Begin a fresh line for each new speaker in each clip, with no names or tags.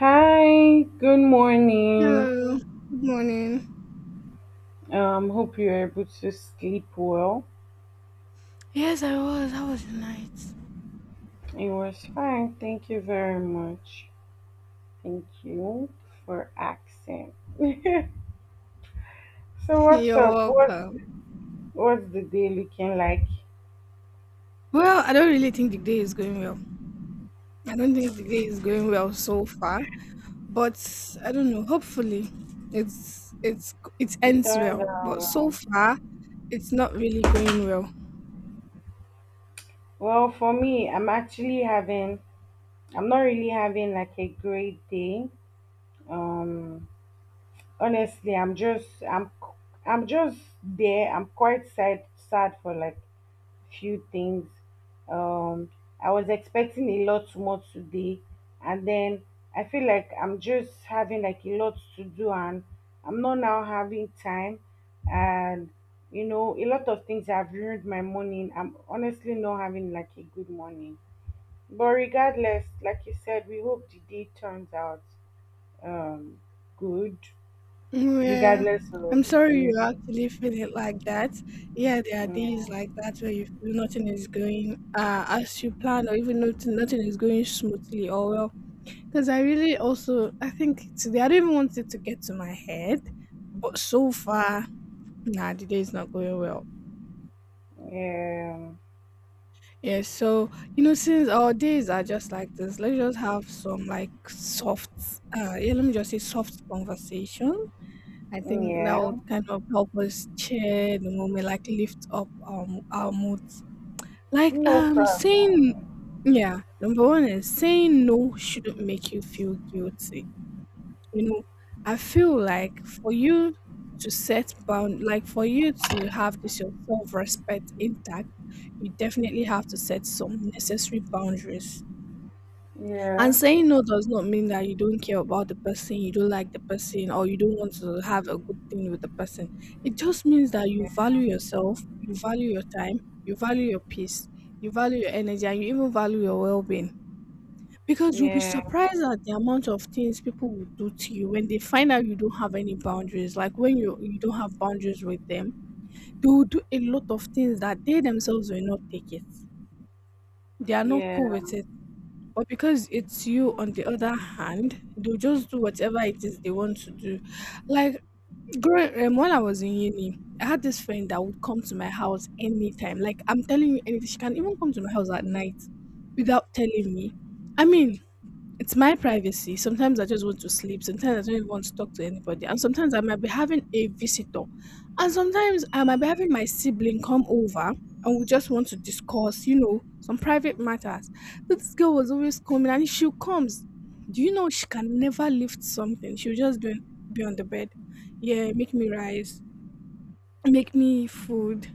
Hi, good morning.
Hello, good morning.
Hope you're able to sleep well.
Yes, I was. How was your night?
It was fine. Thank you very much. Thank you for asking. So what's
You're
up? What
welcome.
what's the day looking like?
Well, I don't really think the day is going well. I don't think the day is going well so far, but I don't know. Hopefully, it
It
ends
turns
well.
out
But so
well,
far, it's not really going well.
well for me, I'm not really having like a great day. Um honestly I'm just there I'm quite sad for like few things. um I was expecting a lot more today, and then I feel like I'm just having like a lot to do, and I'm not now having time. And you know, a lot of things have ruined my morning. I'm honestly not having like a good morning, but regardless, like you said, we hope the day turns out um good
Yeah,
regardless
I'm
of
sorry you
anything.
actually feel it like that. Yeah, there are days
Yeah,
like that where you feel nothing is going as you plan, or even nothing is going smoothly or well. Because I really also, I think today, I don't even want it to get to my head, but so far, nah, the day is not going well.
yeah,
Yeah, so, you know, since our days are just like this, let's just have some like soft, yeah, let me just say soft conversation. I think that
yeah.
would kind of help us share the moment, like lift up our moods. Like,
No problem.
saying, yeah, number one is saying no shouldn't make you feel guilty. You know, I feel like for you to set bound like for you to have this your self-respect intact, you definitely have to set some necessary boundaries. And
Yeah,
saying no does not mean that you don't care about the person, you don't like the person, or you don't want to have a good thing with the person. It just means that you value yourself, you value your time, you value your peace, you value your energy, and you even value your well being. Because you'll be
yeah,
surprised at the amount of things people will do to you when they find out you don't have any boundaries. Like when you don't have boundaries with them, they will do a lot of things that they themselves will not take it. They are not cool
yeah.
with it. But because it's you on the other hand, they'll just do whatever it is they want to do. Like growing when I was in uni, I had this friend that would come to my house anytime. Like I'm telling you anything. She can even come to my house at night without telling me. I mean, it's my privacy. Sometimes I just want to sleep. Sometimes I don't even want to talk to anybody. And sometimes I might be having a visitor. And sometimes I might be having my sibling come over and we just want to discuss, you know, some private matters. This girl was always coming and if she comes, do you know she can never lift something? She'll just be on the bed. Yeah, make me rice, make me food.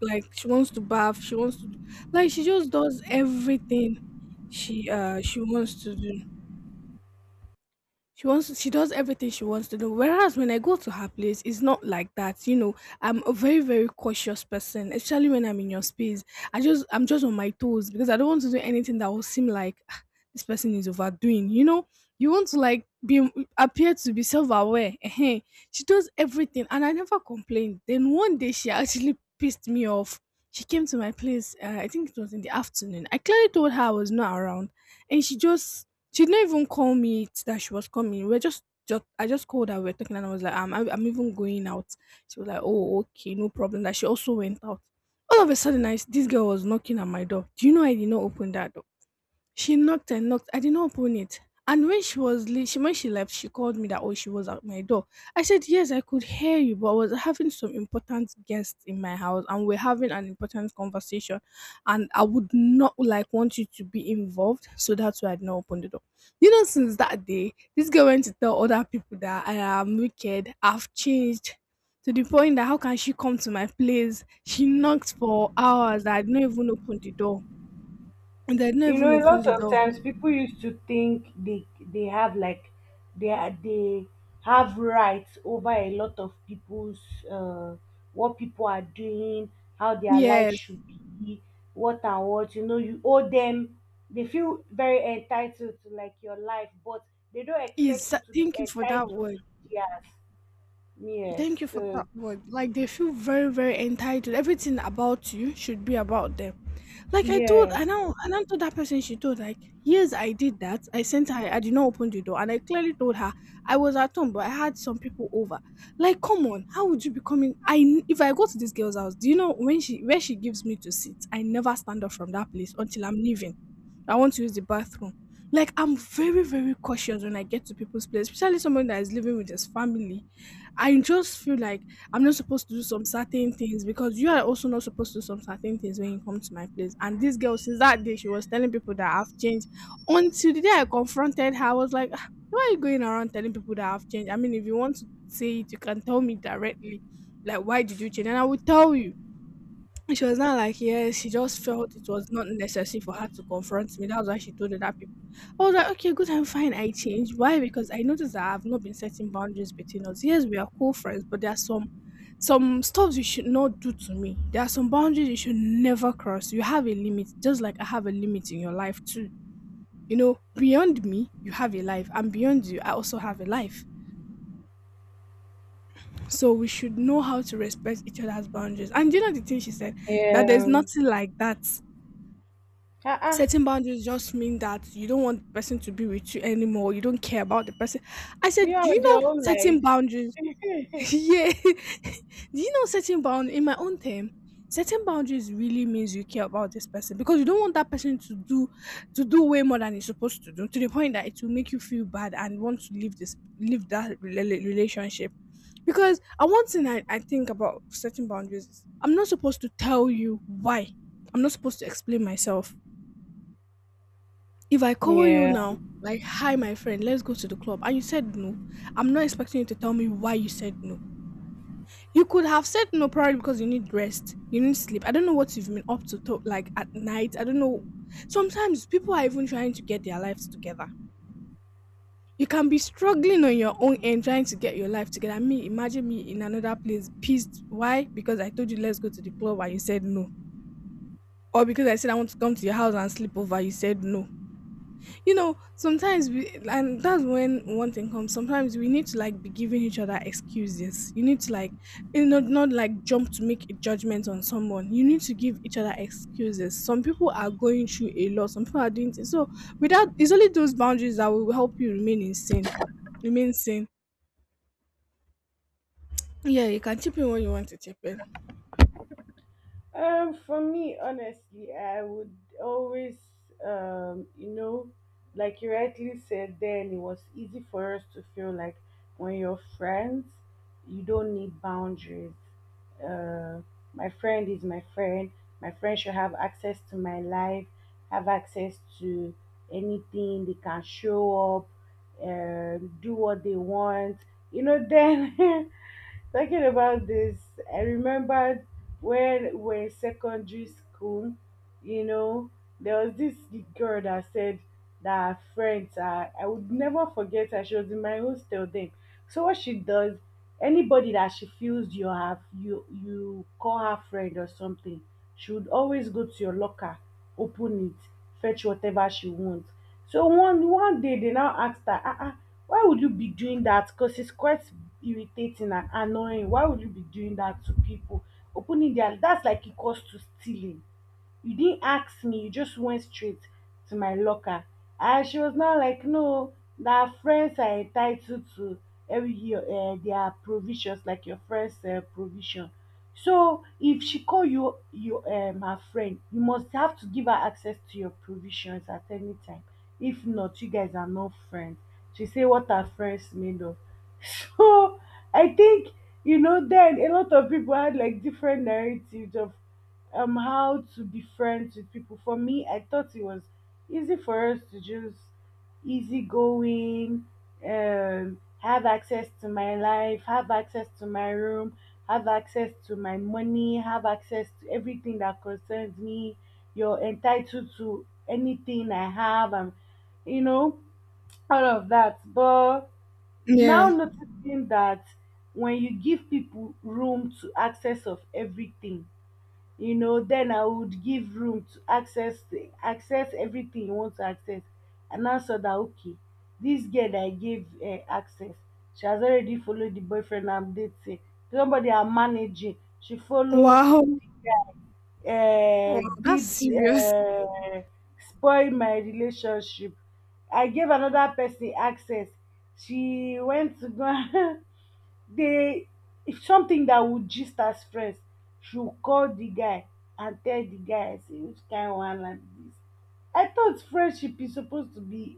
Like she wants to bath, she wants to, do- like she just does everything she wants to do. She does everything she wants to do. Whereas when I go to her place, it's not like that. You know, I'm a very, very cautious person, especially when I'm in your space. I'm just on my toes because I don't want to do anything that will seem like "Ah, this person is overdoing. You know, you want to like be appear to be self-aware. Ehen. She does everything and I never complained. Then one day she actually pissed me off. She came to my place, I think it was in the afternoon. I clearly told her I was not around and she didn't even call me that she was coming. We're just I just called her. We're talking, and I was like, "Ah, I'm even going out." She was like, "Oh, okay, no problem." That she also went out. All of a sudden, this girl was knocking at my door. Do you know I did not open that door? She knocked and knocked. I did not open it. And when she left, she called me that oh she was at my door. I said yes, I could hear you, but I was having some important guests in my house, and we're having an important conversation, and I would not want you to be involved, so that's why I did not open the door. You know, since that day, this girl went to tell other people that I am wicked. I've changed to the point that how can she come to my place? She knocked for hours. That I did not even open the door. And I did not
You
even
know, a
open
lot
the
of
door.
times people used to think they have like they have rights over a lot of people's uh what people are doing, how their life
Yes.
should be, what and what. You know, you owe them. They feel very entitled to like your life, but they don't expect
Yes.
you to be
Thank you for that
entitled
word.
to theirs. Yes.
Thank you for
So
that word. Like they feel very, very entitled. Everything about you should be about them. Like I told,
yeah,
I now, I now told that person. She told like, yes, I did that. I sent her. I did not open the door, and I clearly told her I was at home, but I had some people over. Like, come on, how would you be coming? If I go to this girl's house, do you know when she where she gives me to sit? I never stand up from that place until I'm leaving. I want to use the bathroom. Like I'm very, very cautious when I get to people's place, especially someone that is living with his family. I just feel like I'm not supposed to do some certain things because you are also not supposed to do some certain things when you come to my place. And this girl, since that day, she was telling people that I've changed. Until the day I confronted her, I was like, "Ah, why are you going around telling people that I've changed? I mean, if you want to say it, you can tell me directly. Like, why did you change? And I will tell you." She was not like, yeah, she just felt it was not necessary for her to confront me. That's why she told other people. I was like, okay, good, I'm fine. I changed. Why? Because I noticed that I've not been setting boundaries between us. Yes, we are cool friends, but there are some stuff you should not do to me. There are some boundaries you should never cross. You have a limit, just like I have a limit in your life too. You know, beyond me, you have a life, and beyond you, I also have a life. So we should know how to respect each other's boundaries. And do you know the thing she said? That there's
yeah.
nothing like that.
Uh-uh.
Setting boundaries just mean that you don't want the person to be with you anymore. You don't care about the person. I
You
said, do you
on your
know
own
setting boundaries?
life.
Yeah. Do you know setting boundaries? In my own term, setting boundaries really means you care about this person because you don't want that person to do way more than he's supposed to do to the point that it will make you feel bad and want to leave that relationship. Because one thing I think about setting boundaries is I'm not supposed to tell you why. I'm not supposed to explain myself if I call you
Yeah.
now, like, hi, my friend, let's go to the club, and you said no, I'm not expecting you to tell me why you said no. You could have said no probably because you need rest, you need sleep. I don't know what you've been up to like at night. I don't know. Sometimes people are even trying to get their lives together. You can be struggling on your own and trying to get your life together. Me, imagine me in another place, pissed. Why? Because I told you let's go to the club and you said no. Or because I said I want to come to your house and sleep over, you said no. You know, sometimes we, and that's when one thing comes, sometimes we need to like be giving each other excuses. You need to like, you know, not like jump to make a judgment on someone. You need to give each other excuses. Some people are going through a lot. Some people are doing things. So without, it's only those boundaries that will help you remain in sin remain sane. Yeah, you can chip in when you want to chip in.
For me, honestly, I would always, you know, like you rightly said, then it was easy for us to feel like when you're friends, you don't need boundaries. Uh, my friend is my friend. My friend should have access to my life, have access to anything. They can show up, do what they want. You know, then talking about this, I remembered when we're in secondary school, you know, there was this girl that said that her friends are — I would never forget her. She was in my hostel then. So what she does, anybody that she feels you have you you call her friend or something, she would always go to your locker, open it, fetch whatever she wants. So one day they now asked her, "Ah, ah, why would you be doing that? Because it's quite irritating and annoying. Why would you be doing that to people? Opening their — that's like equals to stealing. You didn't ask me. You just went straight to my locker." And she was now like, no, that friends are entitled to every year their provisions, like your friend's provision. So if she call you her friend, you must have to give her access to your provisions at any time. If not, you guys are not friends. She say what are friends made of. So I think you know then a lot of people had like different narratives of how to be friends with people. For me, I thought it was easy for us to just easy going, have access to my life, have access to my room, have access to my money, have access to everything that concerns me. You're entitled to anything I have, and you know, all of that. But now
Yeah.
noticing that when you give people room to access of everything, you know, then I would give room to access everything you want to access. And I saw that okay, this girl that I gave access, she has already followed the boyfriend I'm dating. Somebody I'm managing, she follow,
Wow. Wow, that's
did
serious.
spoil my relationship. I gave another person access. She went to go. They, if something that would gist as friends, she will call the guy and tell the guy, say which kind of one like this? I thought friendship is supposed to be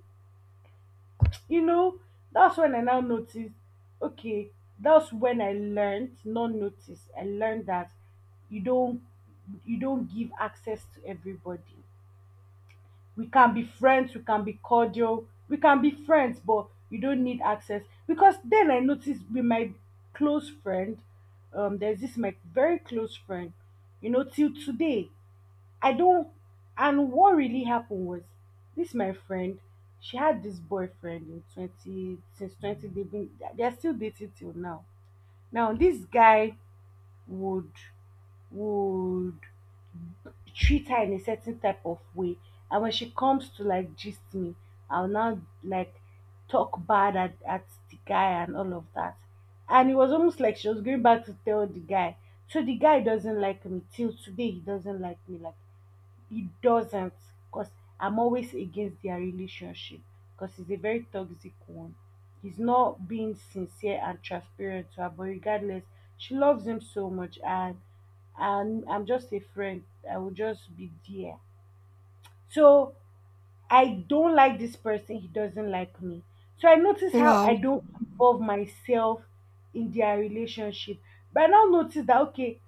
you know. That's when I now noticed, okay, that's when I learned that you don't, you don't give access to everybody. We can be friends, we can be cordial, we can be friends, but you don't need access. Because then I noticed with my close friend, there's this my very close friend, you know, till today, I don't. And what really happened was this my friend, she had this boyfriend in 20, since 20, they're still dating till now. Now, this guy would, would treat her in a certain type of way. And when she comes to like gist me, I'll now like talk bad at the guy and all of that. And it was almost like she was going back to tell the guy. So the guy doesn't like me till today. He doesn't like me, like it doesn't, because I'm always against their relationship, because it's a very toxic one. He's not being sincere and transparent to her, but regardless, she loves him so much, and I'm just a friend. I will just be there. So I don't like this person, he doesn't like me. So I notice how
Wow.
I don't involve myself in their relationship. But I now notice that okay,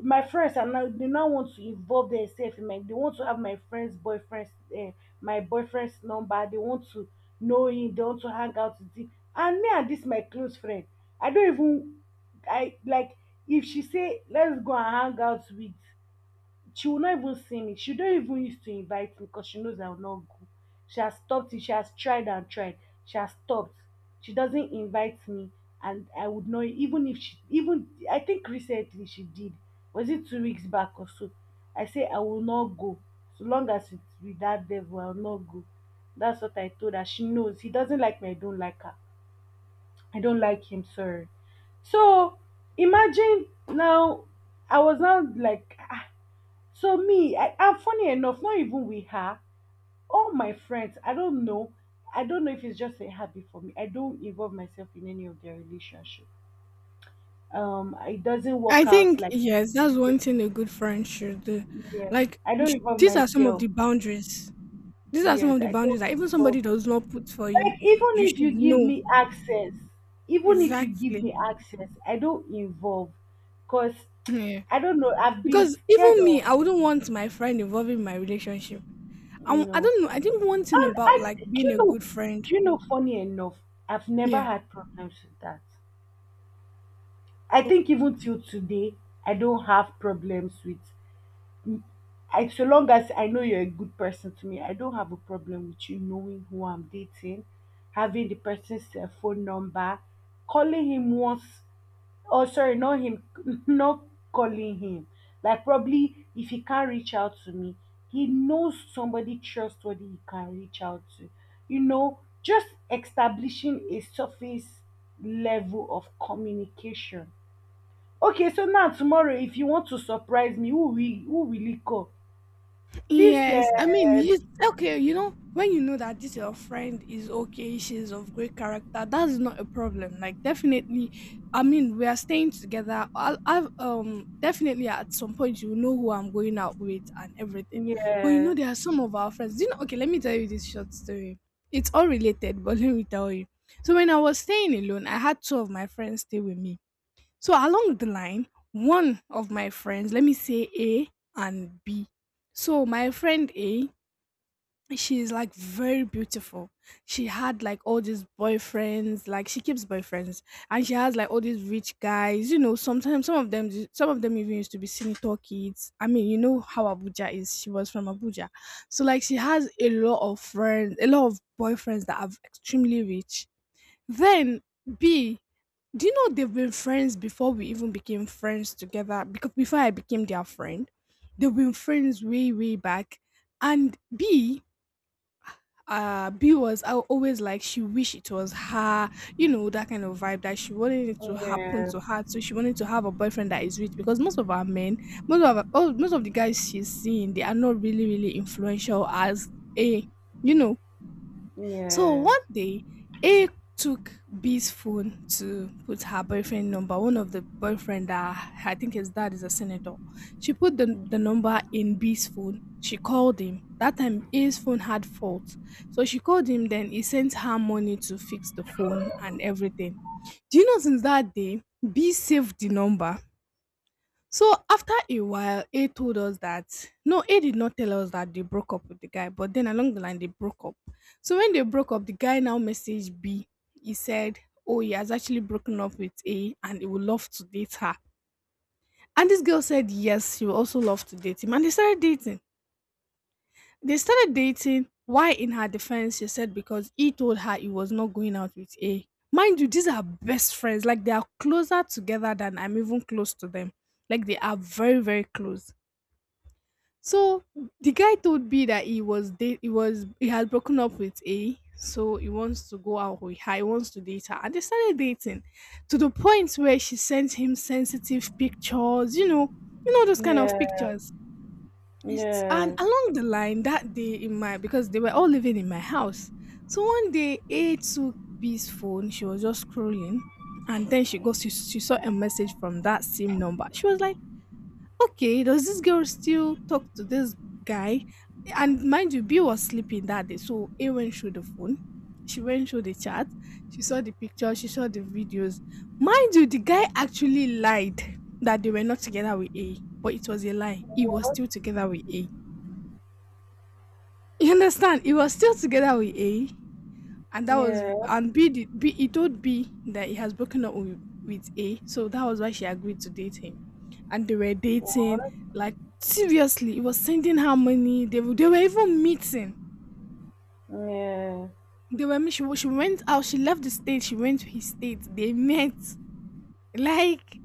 my friends are now, they now want to involve themselves in my, they want to have my friend's boyfriend's uh, my boyfriend's number. They want to know him, they want to hang out with him. And me and this my close friend, I don't even, I like, if she say let's go and hang out with, she will not even see me. She don't even used to invite me because she knows I will not go. She has stopped it. She has tried and tried. She has stopped. She doesn't invite me, and I would not even, if she even, I think recently she did. Was it 2 weeks back or so? I say I will not go. So long as it's with that devil, I will not go. That's what I told her. She knows he doesn't like me. I don't like her. I don't like him. Sorry. So imagine now, I was now like, so me, I, and funny enough, not even with her, all my friends, I don't know. I don't know if it's just a habit for me. I don't involve myself in any of their relationship. It doesn't
I
work out
think
like
yes, that's
yeah,
one thing a good friend should do.
yeah.
Like
I don't involve
these are some of
myself.
the boundaries. These are some of
Yes,
the
I
boundaries
don't
that even somebody
involve.
does not put for you,
Like even
you
if
should
you give
know.
me access, even if you give
Exactly.
me access, I don't involve, cause
Yeah.
I don't know. I've been
Because
scared
even me,
of,
I wouldn't want my friend involving my relationship.
you
I
know.
don't know. I think one thing
And
about
I,
like
do
being
you
a
know,
good friend.
do you know? Funny enough, I've never
Yeah.
had problems with that. I think even till today, I don't have problems with. I so long as I know you're a good person to me, I don't have a problem with you knowing who I'm dating, having the person's phone number, calling him once — oh, sorry, not him, not calling him. Like probably if he can't reach out to me, he knows somebody trustworthy he can reach out to. You know, just establishing a surface level of communication. Okay, so now tomorrow, if you want to surprise me, who will, who will it call? This
Yes, I mean, it's okay, you know, when you know that this your friend is okay, she's of great character, that is not a problem. Like definitely, I mean, we are staying together. I've definitely at some point you know who I'm going out with and everything. But you know,
yes,
there are some of our friends. You know, okay, let me tell you this short story. It's all related, but let me tell you. So when I was staying alone, I had two of my friends stay with me, so along the line, one of my friends, let me say A and B. So my friend A, she's like very beautiful. She had like all these boyfriends, like she keeps boyfriends, and she has like all these rich guys. You know, sometimes some of them even used to be senator kids. I mean, you know how Abuja is. She was from Abuja, so like she has a lot of friends, a lot of boyfriends that are extremely rich. Then B, do you know they've been friends before we even became friends together? Because before I became their friend, they've been friends way, way back. And B, B was always like she wished it was her, you know, that kind of vibe that she wanted it to happen
yes,
to her. So she wanted to have a boyfriend that is rich because most of our men, most of our, oh, most of the guys she's seeing, they are not really, really influential as a, you know. So
yes,
one day, A took B's phone to put her boyfriend number. One of the boyfriend that I think his dad is a senator. She put the number in B's phone. She called him. That time A's phone had fault. So she called him, then he sent her money to fix the phone and everything. Do you know since that day B saved the number, so after a while, A told us that no, A did not tell us that they broke up with the guy, but then along the line they broke up. So when they broke up, the guy now messaged B. He said, oh, he has actually broken up with A and he would love to date her. And this girl said yes, she would also love to date him. And they started dating. They started dating. Why, in her defense, she said because he told her he was not going out with A. Mind you, these are best friends. Like they are closer together than I'm even close to them. Like they are very, very close. So the guy told B that he was date he was he had broken up with A, so he wants to go out with her, he wants to date her. And they started dating to the point where she sent him sensitive pictures, you know those kind of
yes,
pictures. It's, and
yes.
along the line that day in my, because they were all living in my house. So one day A took B's phone, she was just scrolling, and then she saw a message from that same number. She was like, okay, does this girl still talk to this guy? And mind you, B was sleeping that day, so A went through the phone. She went through the chat. She saw the picture. She saw the videos. Mind you, the guy actually lied that they were not together with A, but it was a lie. He was
What?
still together with A. You understand? He was still together with A, and that was,
Yes,
and B, he told B that he has broken up with A, so that was why she agreed to date him, and they were dating
what?
like seriously. He was sending her money. They were even meeting.
Yes.
They were meet- she wa- She went out. She left the state. She went to his state. They met. Like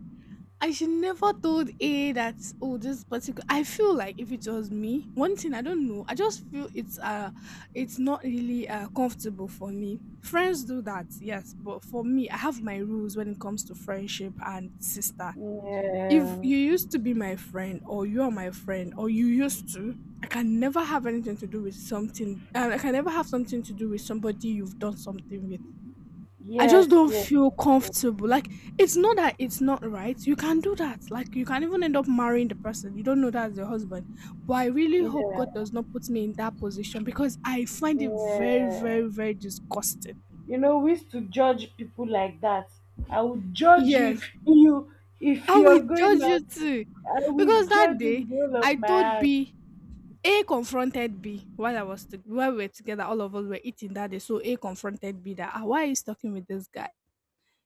I should never told A that oh this particular, I feel like if it was me, one thing I don't know, I just feel it's it's not really comfortable for me. Friends do that, yes, but for me, I have my rules when it comes to friendship and sister.
Yeah.
If you used to be my friend or you are my friend or you used to, I can never have anything to do with something I can never have something to do with somebody you've done something with. I just
Yes,
don't
yes,
feel
yes,
comfortable. Like, it's not that it's not right. You can do that. Like you can even end up marrying the person. You don't know that's your husband. But I really
yes.
hope God does
Yeah,
not put me in that position because I find it very,
yeah.
very, very disgusting.
You know, we used to judge people like that. I would judge you if
Yes.
you, if
I
you're
will
going
judge you
out.
too.
I will
Because that
judge you
day
with all
I
of my
told
heart.
B, A confronted B while while we were together, all of us were eating that day. So A confronted B that, "Ah, why are you talking with this guy?"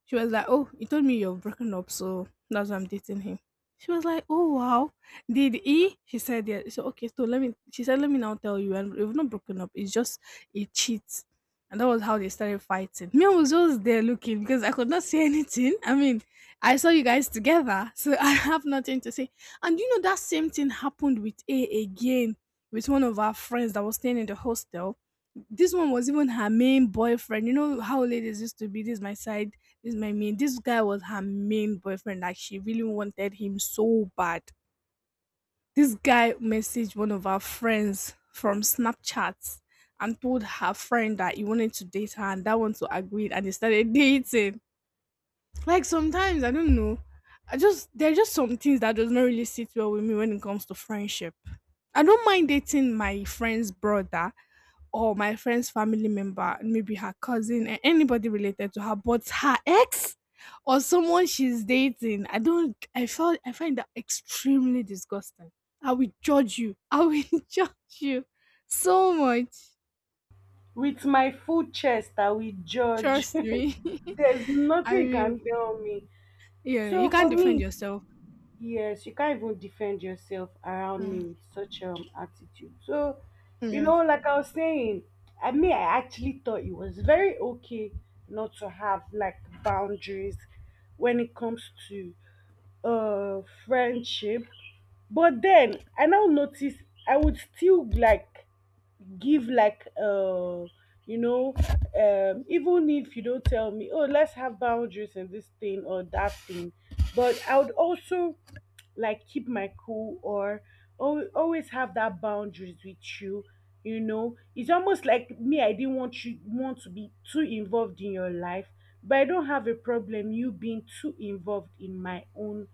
She was like, oh, you told me you're broken up, so that's why I'm dating him. She was like, oh wow. Did he? She said yeah. So okay, so let me she said, let me now tell you, and we've not broken up. It's just a cheat. And that was how they started fighting. Me, I was just there looking because I could not say anything. I mean, I saw you guys together, so I have nothing to say. And you know that same thing happened with A again with one of our friends that was staying in the hostel. This one was even her main boyfriend. You know how ladies used to be. This is my side. This is my main. This guy was her main boyfriend. Like she really wanted him so bad. This guy messaged one of our friends from Snapchat and told her friend that he wanted to date her, and that one to agreed, and they started dating. Like sometimes I don't know. I just There are just some things that does not really sit well with me when it comes to friendship. I don't mind dating my friend's brother or my friend's family member, maybe her cousin, and anybody related to her, but her ex or someone she's dating. I don't. I felt. I find that extremely disgusting. I will judge you. I will judge you so much.
With my full chest, I will judge.
Trust me.
There's
I
nothing you can
will.
tell me.
Yeah, you
So
can't
for
defend
me,
yourself.
yes, you can't even defend yourself around me
Mm.
with such attitude. So, you know,
Yes.
like I was saying, I mean, I actually thought it was very okay not to have like boundaries when it comes to friendship. But then I now notice I would still like give like you know even if you don't tell me oh let's have boundaries in this thing or that thing, but I would also like keep my cool or always have that boundaries with you. You know, it's almost like me, I didn't want, you want to be too involved in your life, but I don't have a problem you being too involved in my own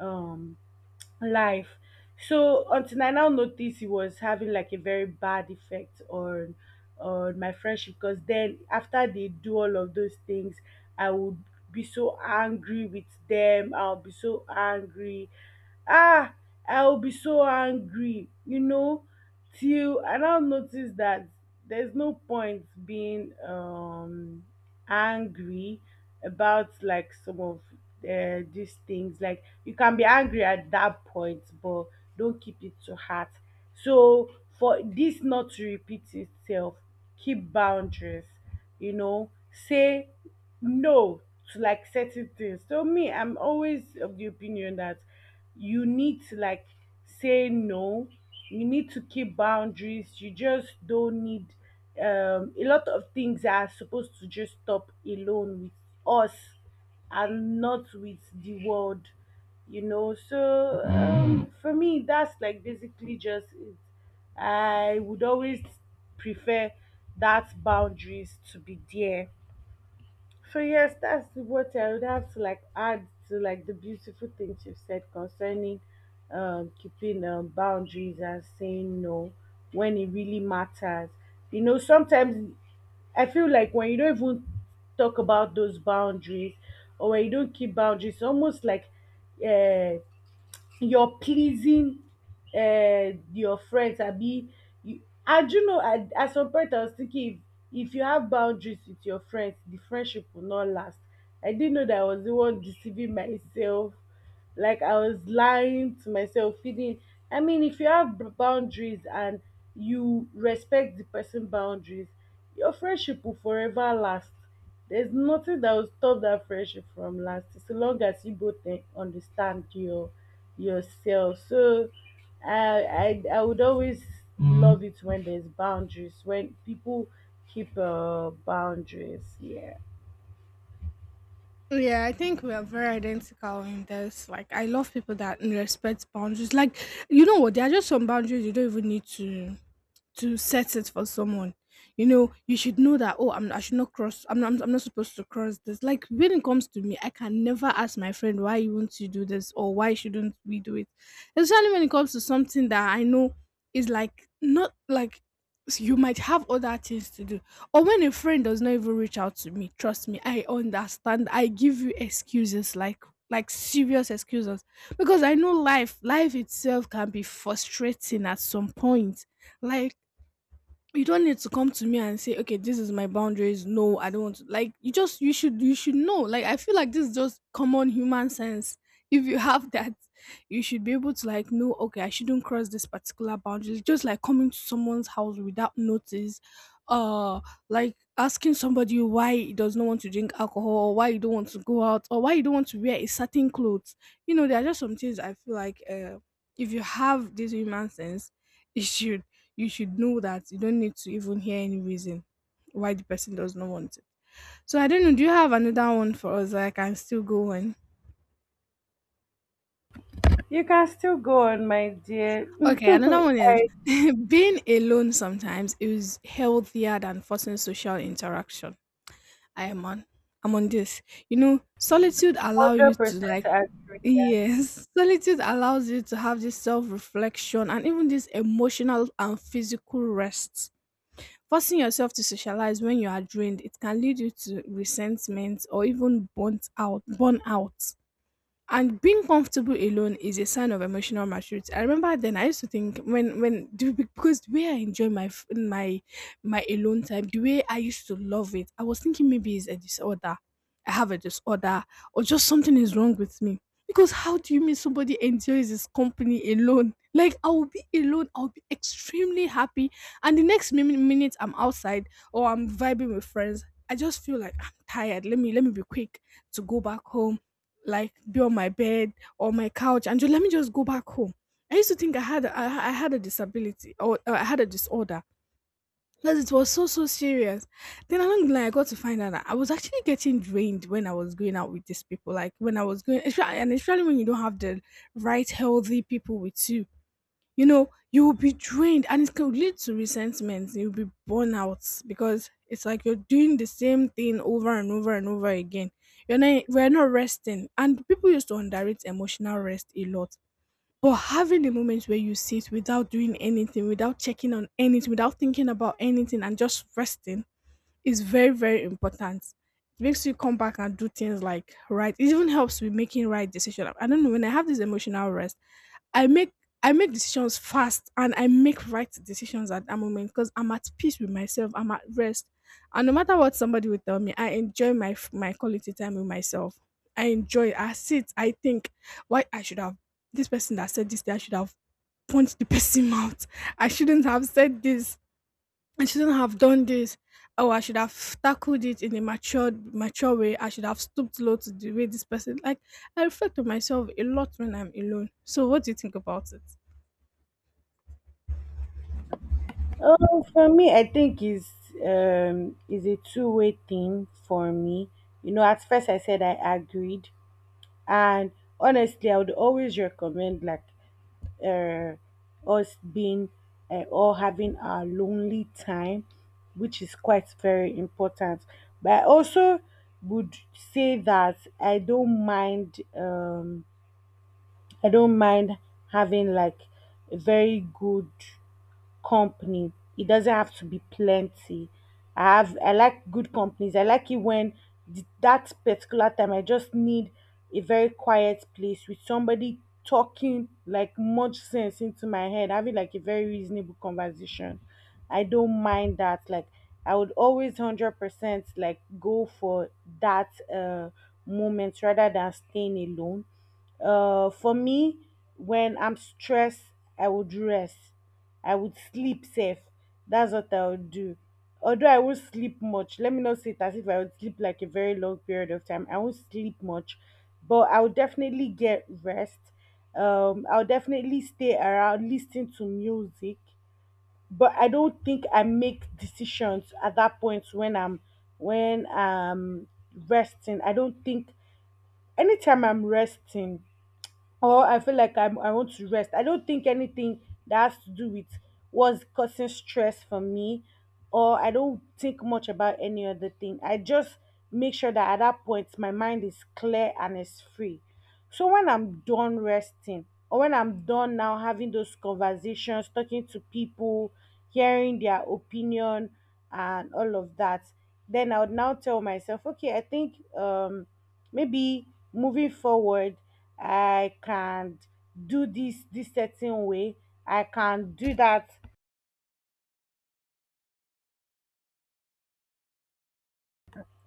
um life. So until I now noticed it was having like a very bad effect on my friendship, because then after they do all of those things, I would be so angry with them. I'll be so angry. Ah, I'll be so angry, you know, till I now notice that there's no point being angry about like some of these things. Like you can be angry at that point, but don't keep it to heart. So for this not to repeat itself, keep boundaries, you know, say no to like certain things. So me, I'm always of the opinion that you need to like say no, you need to keep boundaries. You just don't need a lot of things are supposed to just stop alone with us and not with the world, you know. So for me, that's like basically just it. I would always prefer that boundaries to be there. So yes, that's what I would have to like add to like the beautiful things you've said concerning keeping boundaries and saying no when it really matters. You know, sometimes I feel like when you don't even talk about those boundaries or when you don't keep boundaries, almost like uh, your pleasing your friends abi you. I do know at some point I was thinking, if you have boundaries with your friends, the friendship will not last. I didn't know that I was the one deceiving myself, like I was lying to myself, feeling, I mean, if you have boundaries and you respect the person boundaries, your friendship will forever last. There's nothing that will stop that friendship from lasting so long as you both eh, understand your yourself. So I would always, Mm, love it when there's boundaries, when people keep boundaries. Yeah,
Yeah, I think we are very identical in this. Like, I love people that respect boundaries. Like, you know what? There are just some boundaries you don't even need to. To set it for someone. You know, you should know that, oh, I should not cross. I'm not. I'm not supposed to cross this. Like when it comes to me, I can never ask my friend why you want to do this or why shouldn't we do it. Especially when it comes to something that I know is like not like you might have other things to do, or when a friend does not even reach out to me, trust me, I understand, I give you excuses like serious excuses, because I know life itself can be frustrating at some point. Like, you don't need to come to me and say, okay, this is my boundaries, no I don't want to, like, you just, you should know. Like, I feel like this is just common human sense. If you have that, you should be able to like know, okay, I shouldn't cross this particular boundary, just like coming to someone's house without notice, uh like asking somebody why he does not want to drink alcohol, or why you don't want to go out, or why you don't want to wear a certain clothes. You know, there are just some things I feel like, if you have this human sense, you should, you should know that you don't need to even hear any reason why the person does not want it. So I don't know. Do you have another one for us that I can still go on?
you can still go on, my dear.
Okay, another one is
I
being alone sometimes is healthier than forcing social interaction. I am on. I'm on this. You know, solitude allow you
hundred
to
percent
like,
agree. With that.
yes, solitude allows you to have this self reflection and even this emotional and physical rest. Forcing yourself to socialize when you are drained, it can lead you to resentment or even burn out. And being comfortable alone is a sign of emotional maturity. I remember then I used to think because the way I enjoy my my alone time, the way I used to love it, I was thinking maybe it's a disorder. I have a disorder, or just something is wrong with me. Because how do you mean somebody enjoys his company alone? Like I will be alone, I'll be extremely happy, and the next minute I'm outside or I'm vibing with friends, I just feel like I'm tired. Let me be quick to go back home, like be on my bed or my couch, and just let me just go back home. I used to think I had a disability or I had a disorder because it was so so serious. Then along the line, I got to find out that I was actually getting drained when I was going out with these people. Like when I was going, espe- and especially when you don't have the right healthy people with you, you know you will be drained and it can lead to resentment, you'll be burnt out, because it's like you're doing the same thing over and over and over again. You're not We're not resting, and people used to underrate emotional rest a lot. But having the moments where you sit without doing anything, without checking on anything, without thinking about anything, and just resting is very very important. It makes you come back and do things like right. It even helps with making right decision. I don't know, when I have this emotional rest, I make I make decisions fast and I make right decisions at that moment, because I'm at peace with myself. I'm at rest, and no matter what somebody will tell me, I enjoy my quality time with myself. I enjoy. It. I sit. I think, why I should have this person that said this thing, I should have punched the person out. I shouldn't have said this. I shouldn't have done this. Oh, I should have tackled it in a mature way. I should have stooped low to the way this person. Like, I reflect on myself a lot when I'm alone. So, what do you think about it?
Oh, for me, I think is a two-way thing for me. You know, at first I said I agreed, and honestly, I would always recommend like uh, us being or having our lonely time, which is quite very important. But I also would say that I don't mind. I don't mind having like a very good company. It doesn't have to be plenty. I have, I like good companies. I like it when that particular time I just need a very quiet place with somebody talking like much sense into my head, having like a very reasonable conversation. I don't mind that. Like I would always 100% like go for that moment rather than staying alone. For me, when I'm stressed, I would rest. I would sleep safe. That's what I would do. Although I won't sleep much, let me not say it as if I would sleep like a very long period of time. I won't sleep much, but I would definitely get rest. I'll definitely stay around, listen to music. But I don't think I make decisions at that point when I'm resting. I don't think anytime I'm resting, or I feel like I want to rest. I don't think anything that has to do with what's causing stress for me, or I don't think much about any other thing. I just make sure that at that point my mind is clear and it's free. So when I'm done resting, or when I'm done now having those conversations, talking to people, hearing their opinion, and all of that, then I would now tell myself, okay, I think maybe moving forward, I can do this certain way, I can do that,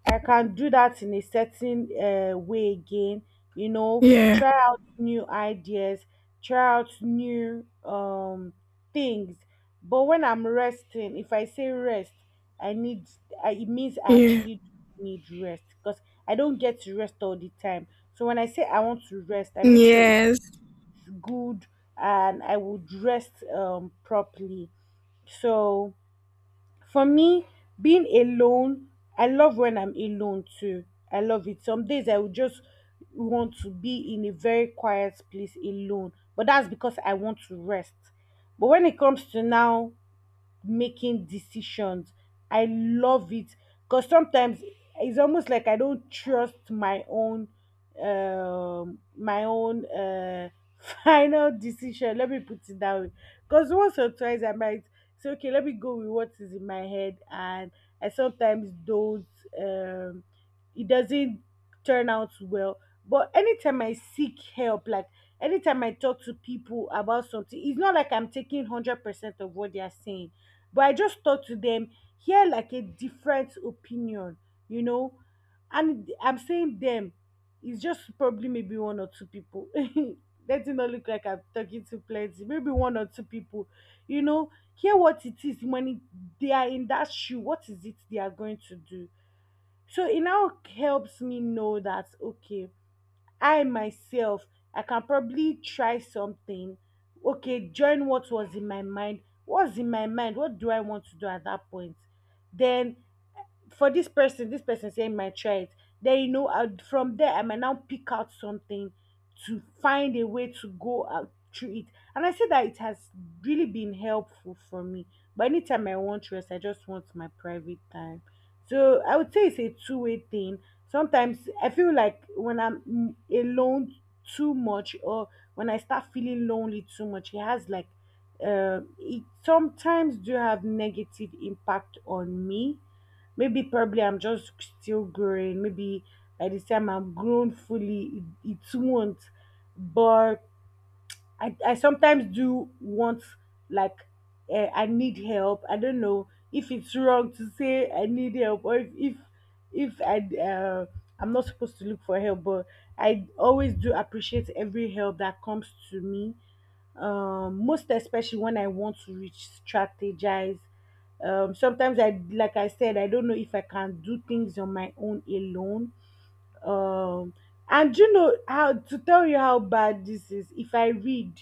I can do that in a certain way again. You know,
Yeah.
try out new ideas, try out new things. But when I'm resting, if I say rest, i need it means I
Yeah.
actually need rest, because I don't get to rest all the time. So when I say I want to rest, I make sure it's
Yes.
good, and I would rest properly. So for me, being alone, I love when I'm alone too. I love it. Some days I would just want to be in a very quiet place alone, but that's because I want to rest. But when it comes to now making decisions. I love it because sometimes it's almost like I don't trust my own final decision. Let me put it that way. Because once or twice I might say, okay, let me go with what is in my head, and I sometimes don't um it doesn't turn out well. But anytime I seek help, like anytime I talk to people about something, it's not like I'm taking 100% of what they are saying, but I just thought to them, hear like a different opinion, you know. And I'm saying them, it's just probably maybe one or two people. Let it not look like I'm talking to plenty, maybe one or two people, you know. Hear what it is when it, they are in that shoe, what is it they are going to do? So it now helps me know that, okay, I myself, I can probably try something. Okay, join what was in my mind. What's in my mind? What do I want to do at that point? Then for this person saying my child, then you know, I, from there I might now pick out something to find a way to go out through it. And I say that it has really been helpful for me. But anytime I want rest, I just want my private time. So I would say it's a two-way thing. Sometimes I feel like when I'm alone too much, or when I start feeling lonely too much, it has like it sometimes do have negative impact on me. Maybe probably I'm just still growing. Maybe by the time I'm grown fully, it won't. But I sometimes do want like I need help. I don't know if it's wrong to say I need help, or if I I'm not supposed to look for help, but I always do appreciate every help that comes to me. Most especially when I want to reach strategize. Sometimes I, like I said, I don't know if I can do things on my own alone. Um, and you know how to tell you how bad this is. If I read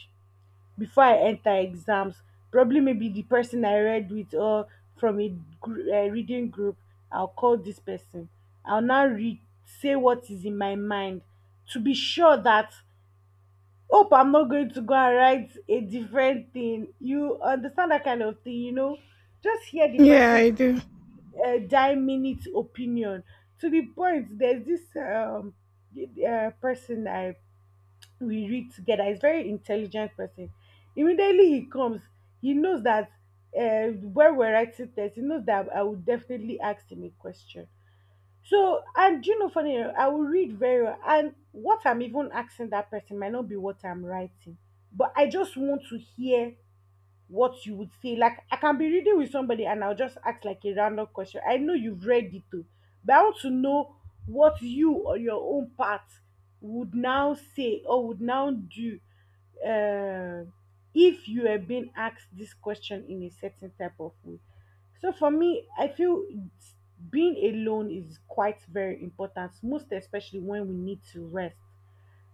before I enter exams. Probably maybe the person I read with, or from a reading group, I'll call this person. I'll now read, say what is in my mind to be sure that, hope I'm not going to go and write a different thing. You understand that kind of thing, you know? Just hear the
Yeah, I
person's
do.
dime minute opinion. To the point there's this person I we read together. He's very intelligent person. Immediately he comes, he knows that when we're writing text, he knows that I would definitely ask him a question. So, and you know, funny, enough, I will read very well, and what I'm even asking that person might not be what I'm writing, but I just want to hear what you would say. Like I can be reading with somebody and I'll just ask like a random question. I know you've read it too, but I want to know what you on your own part would now say or would now do uh, if you have been asked this question in a certain type of way. So for me, I feel being alone is quite very important, most especially when we need to rest.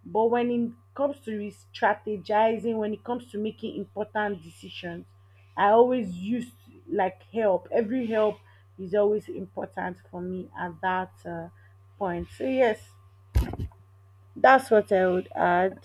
But when it comes to strategizing, when it comes to making important decisions, I always use like help. Every help is always important for me at that point. So yes, that's what I would add.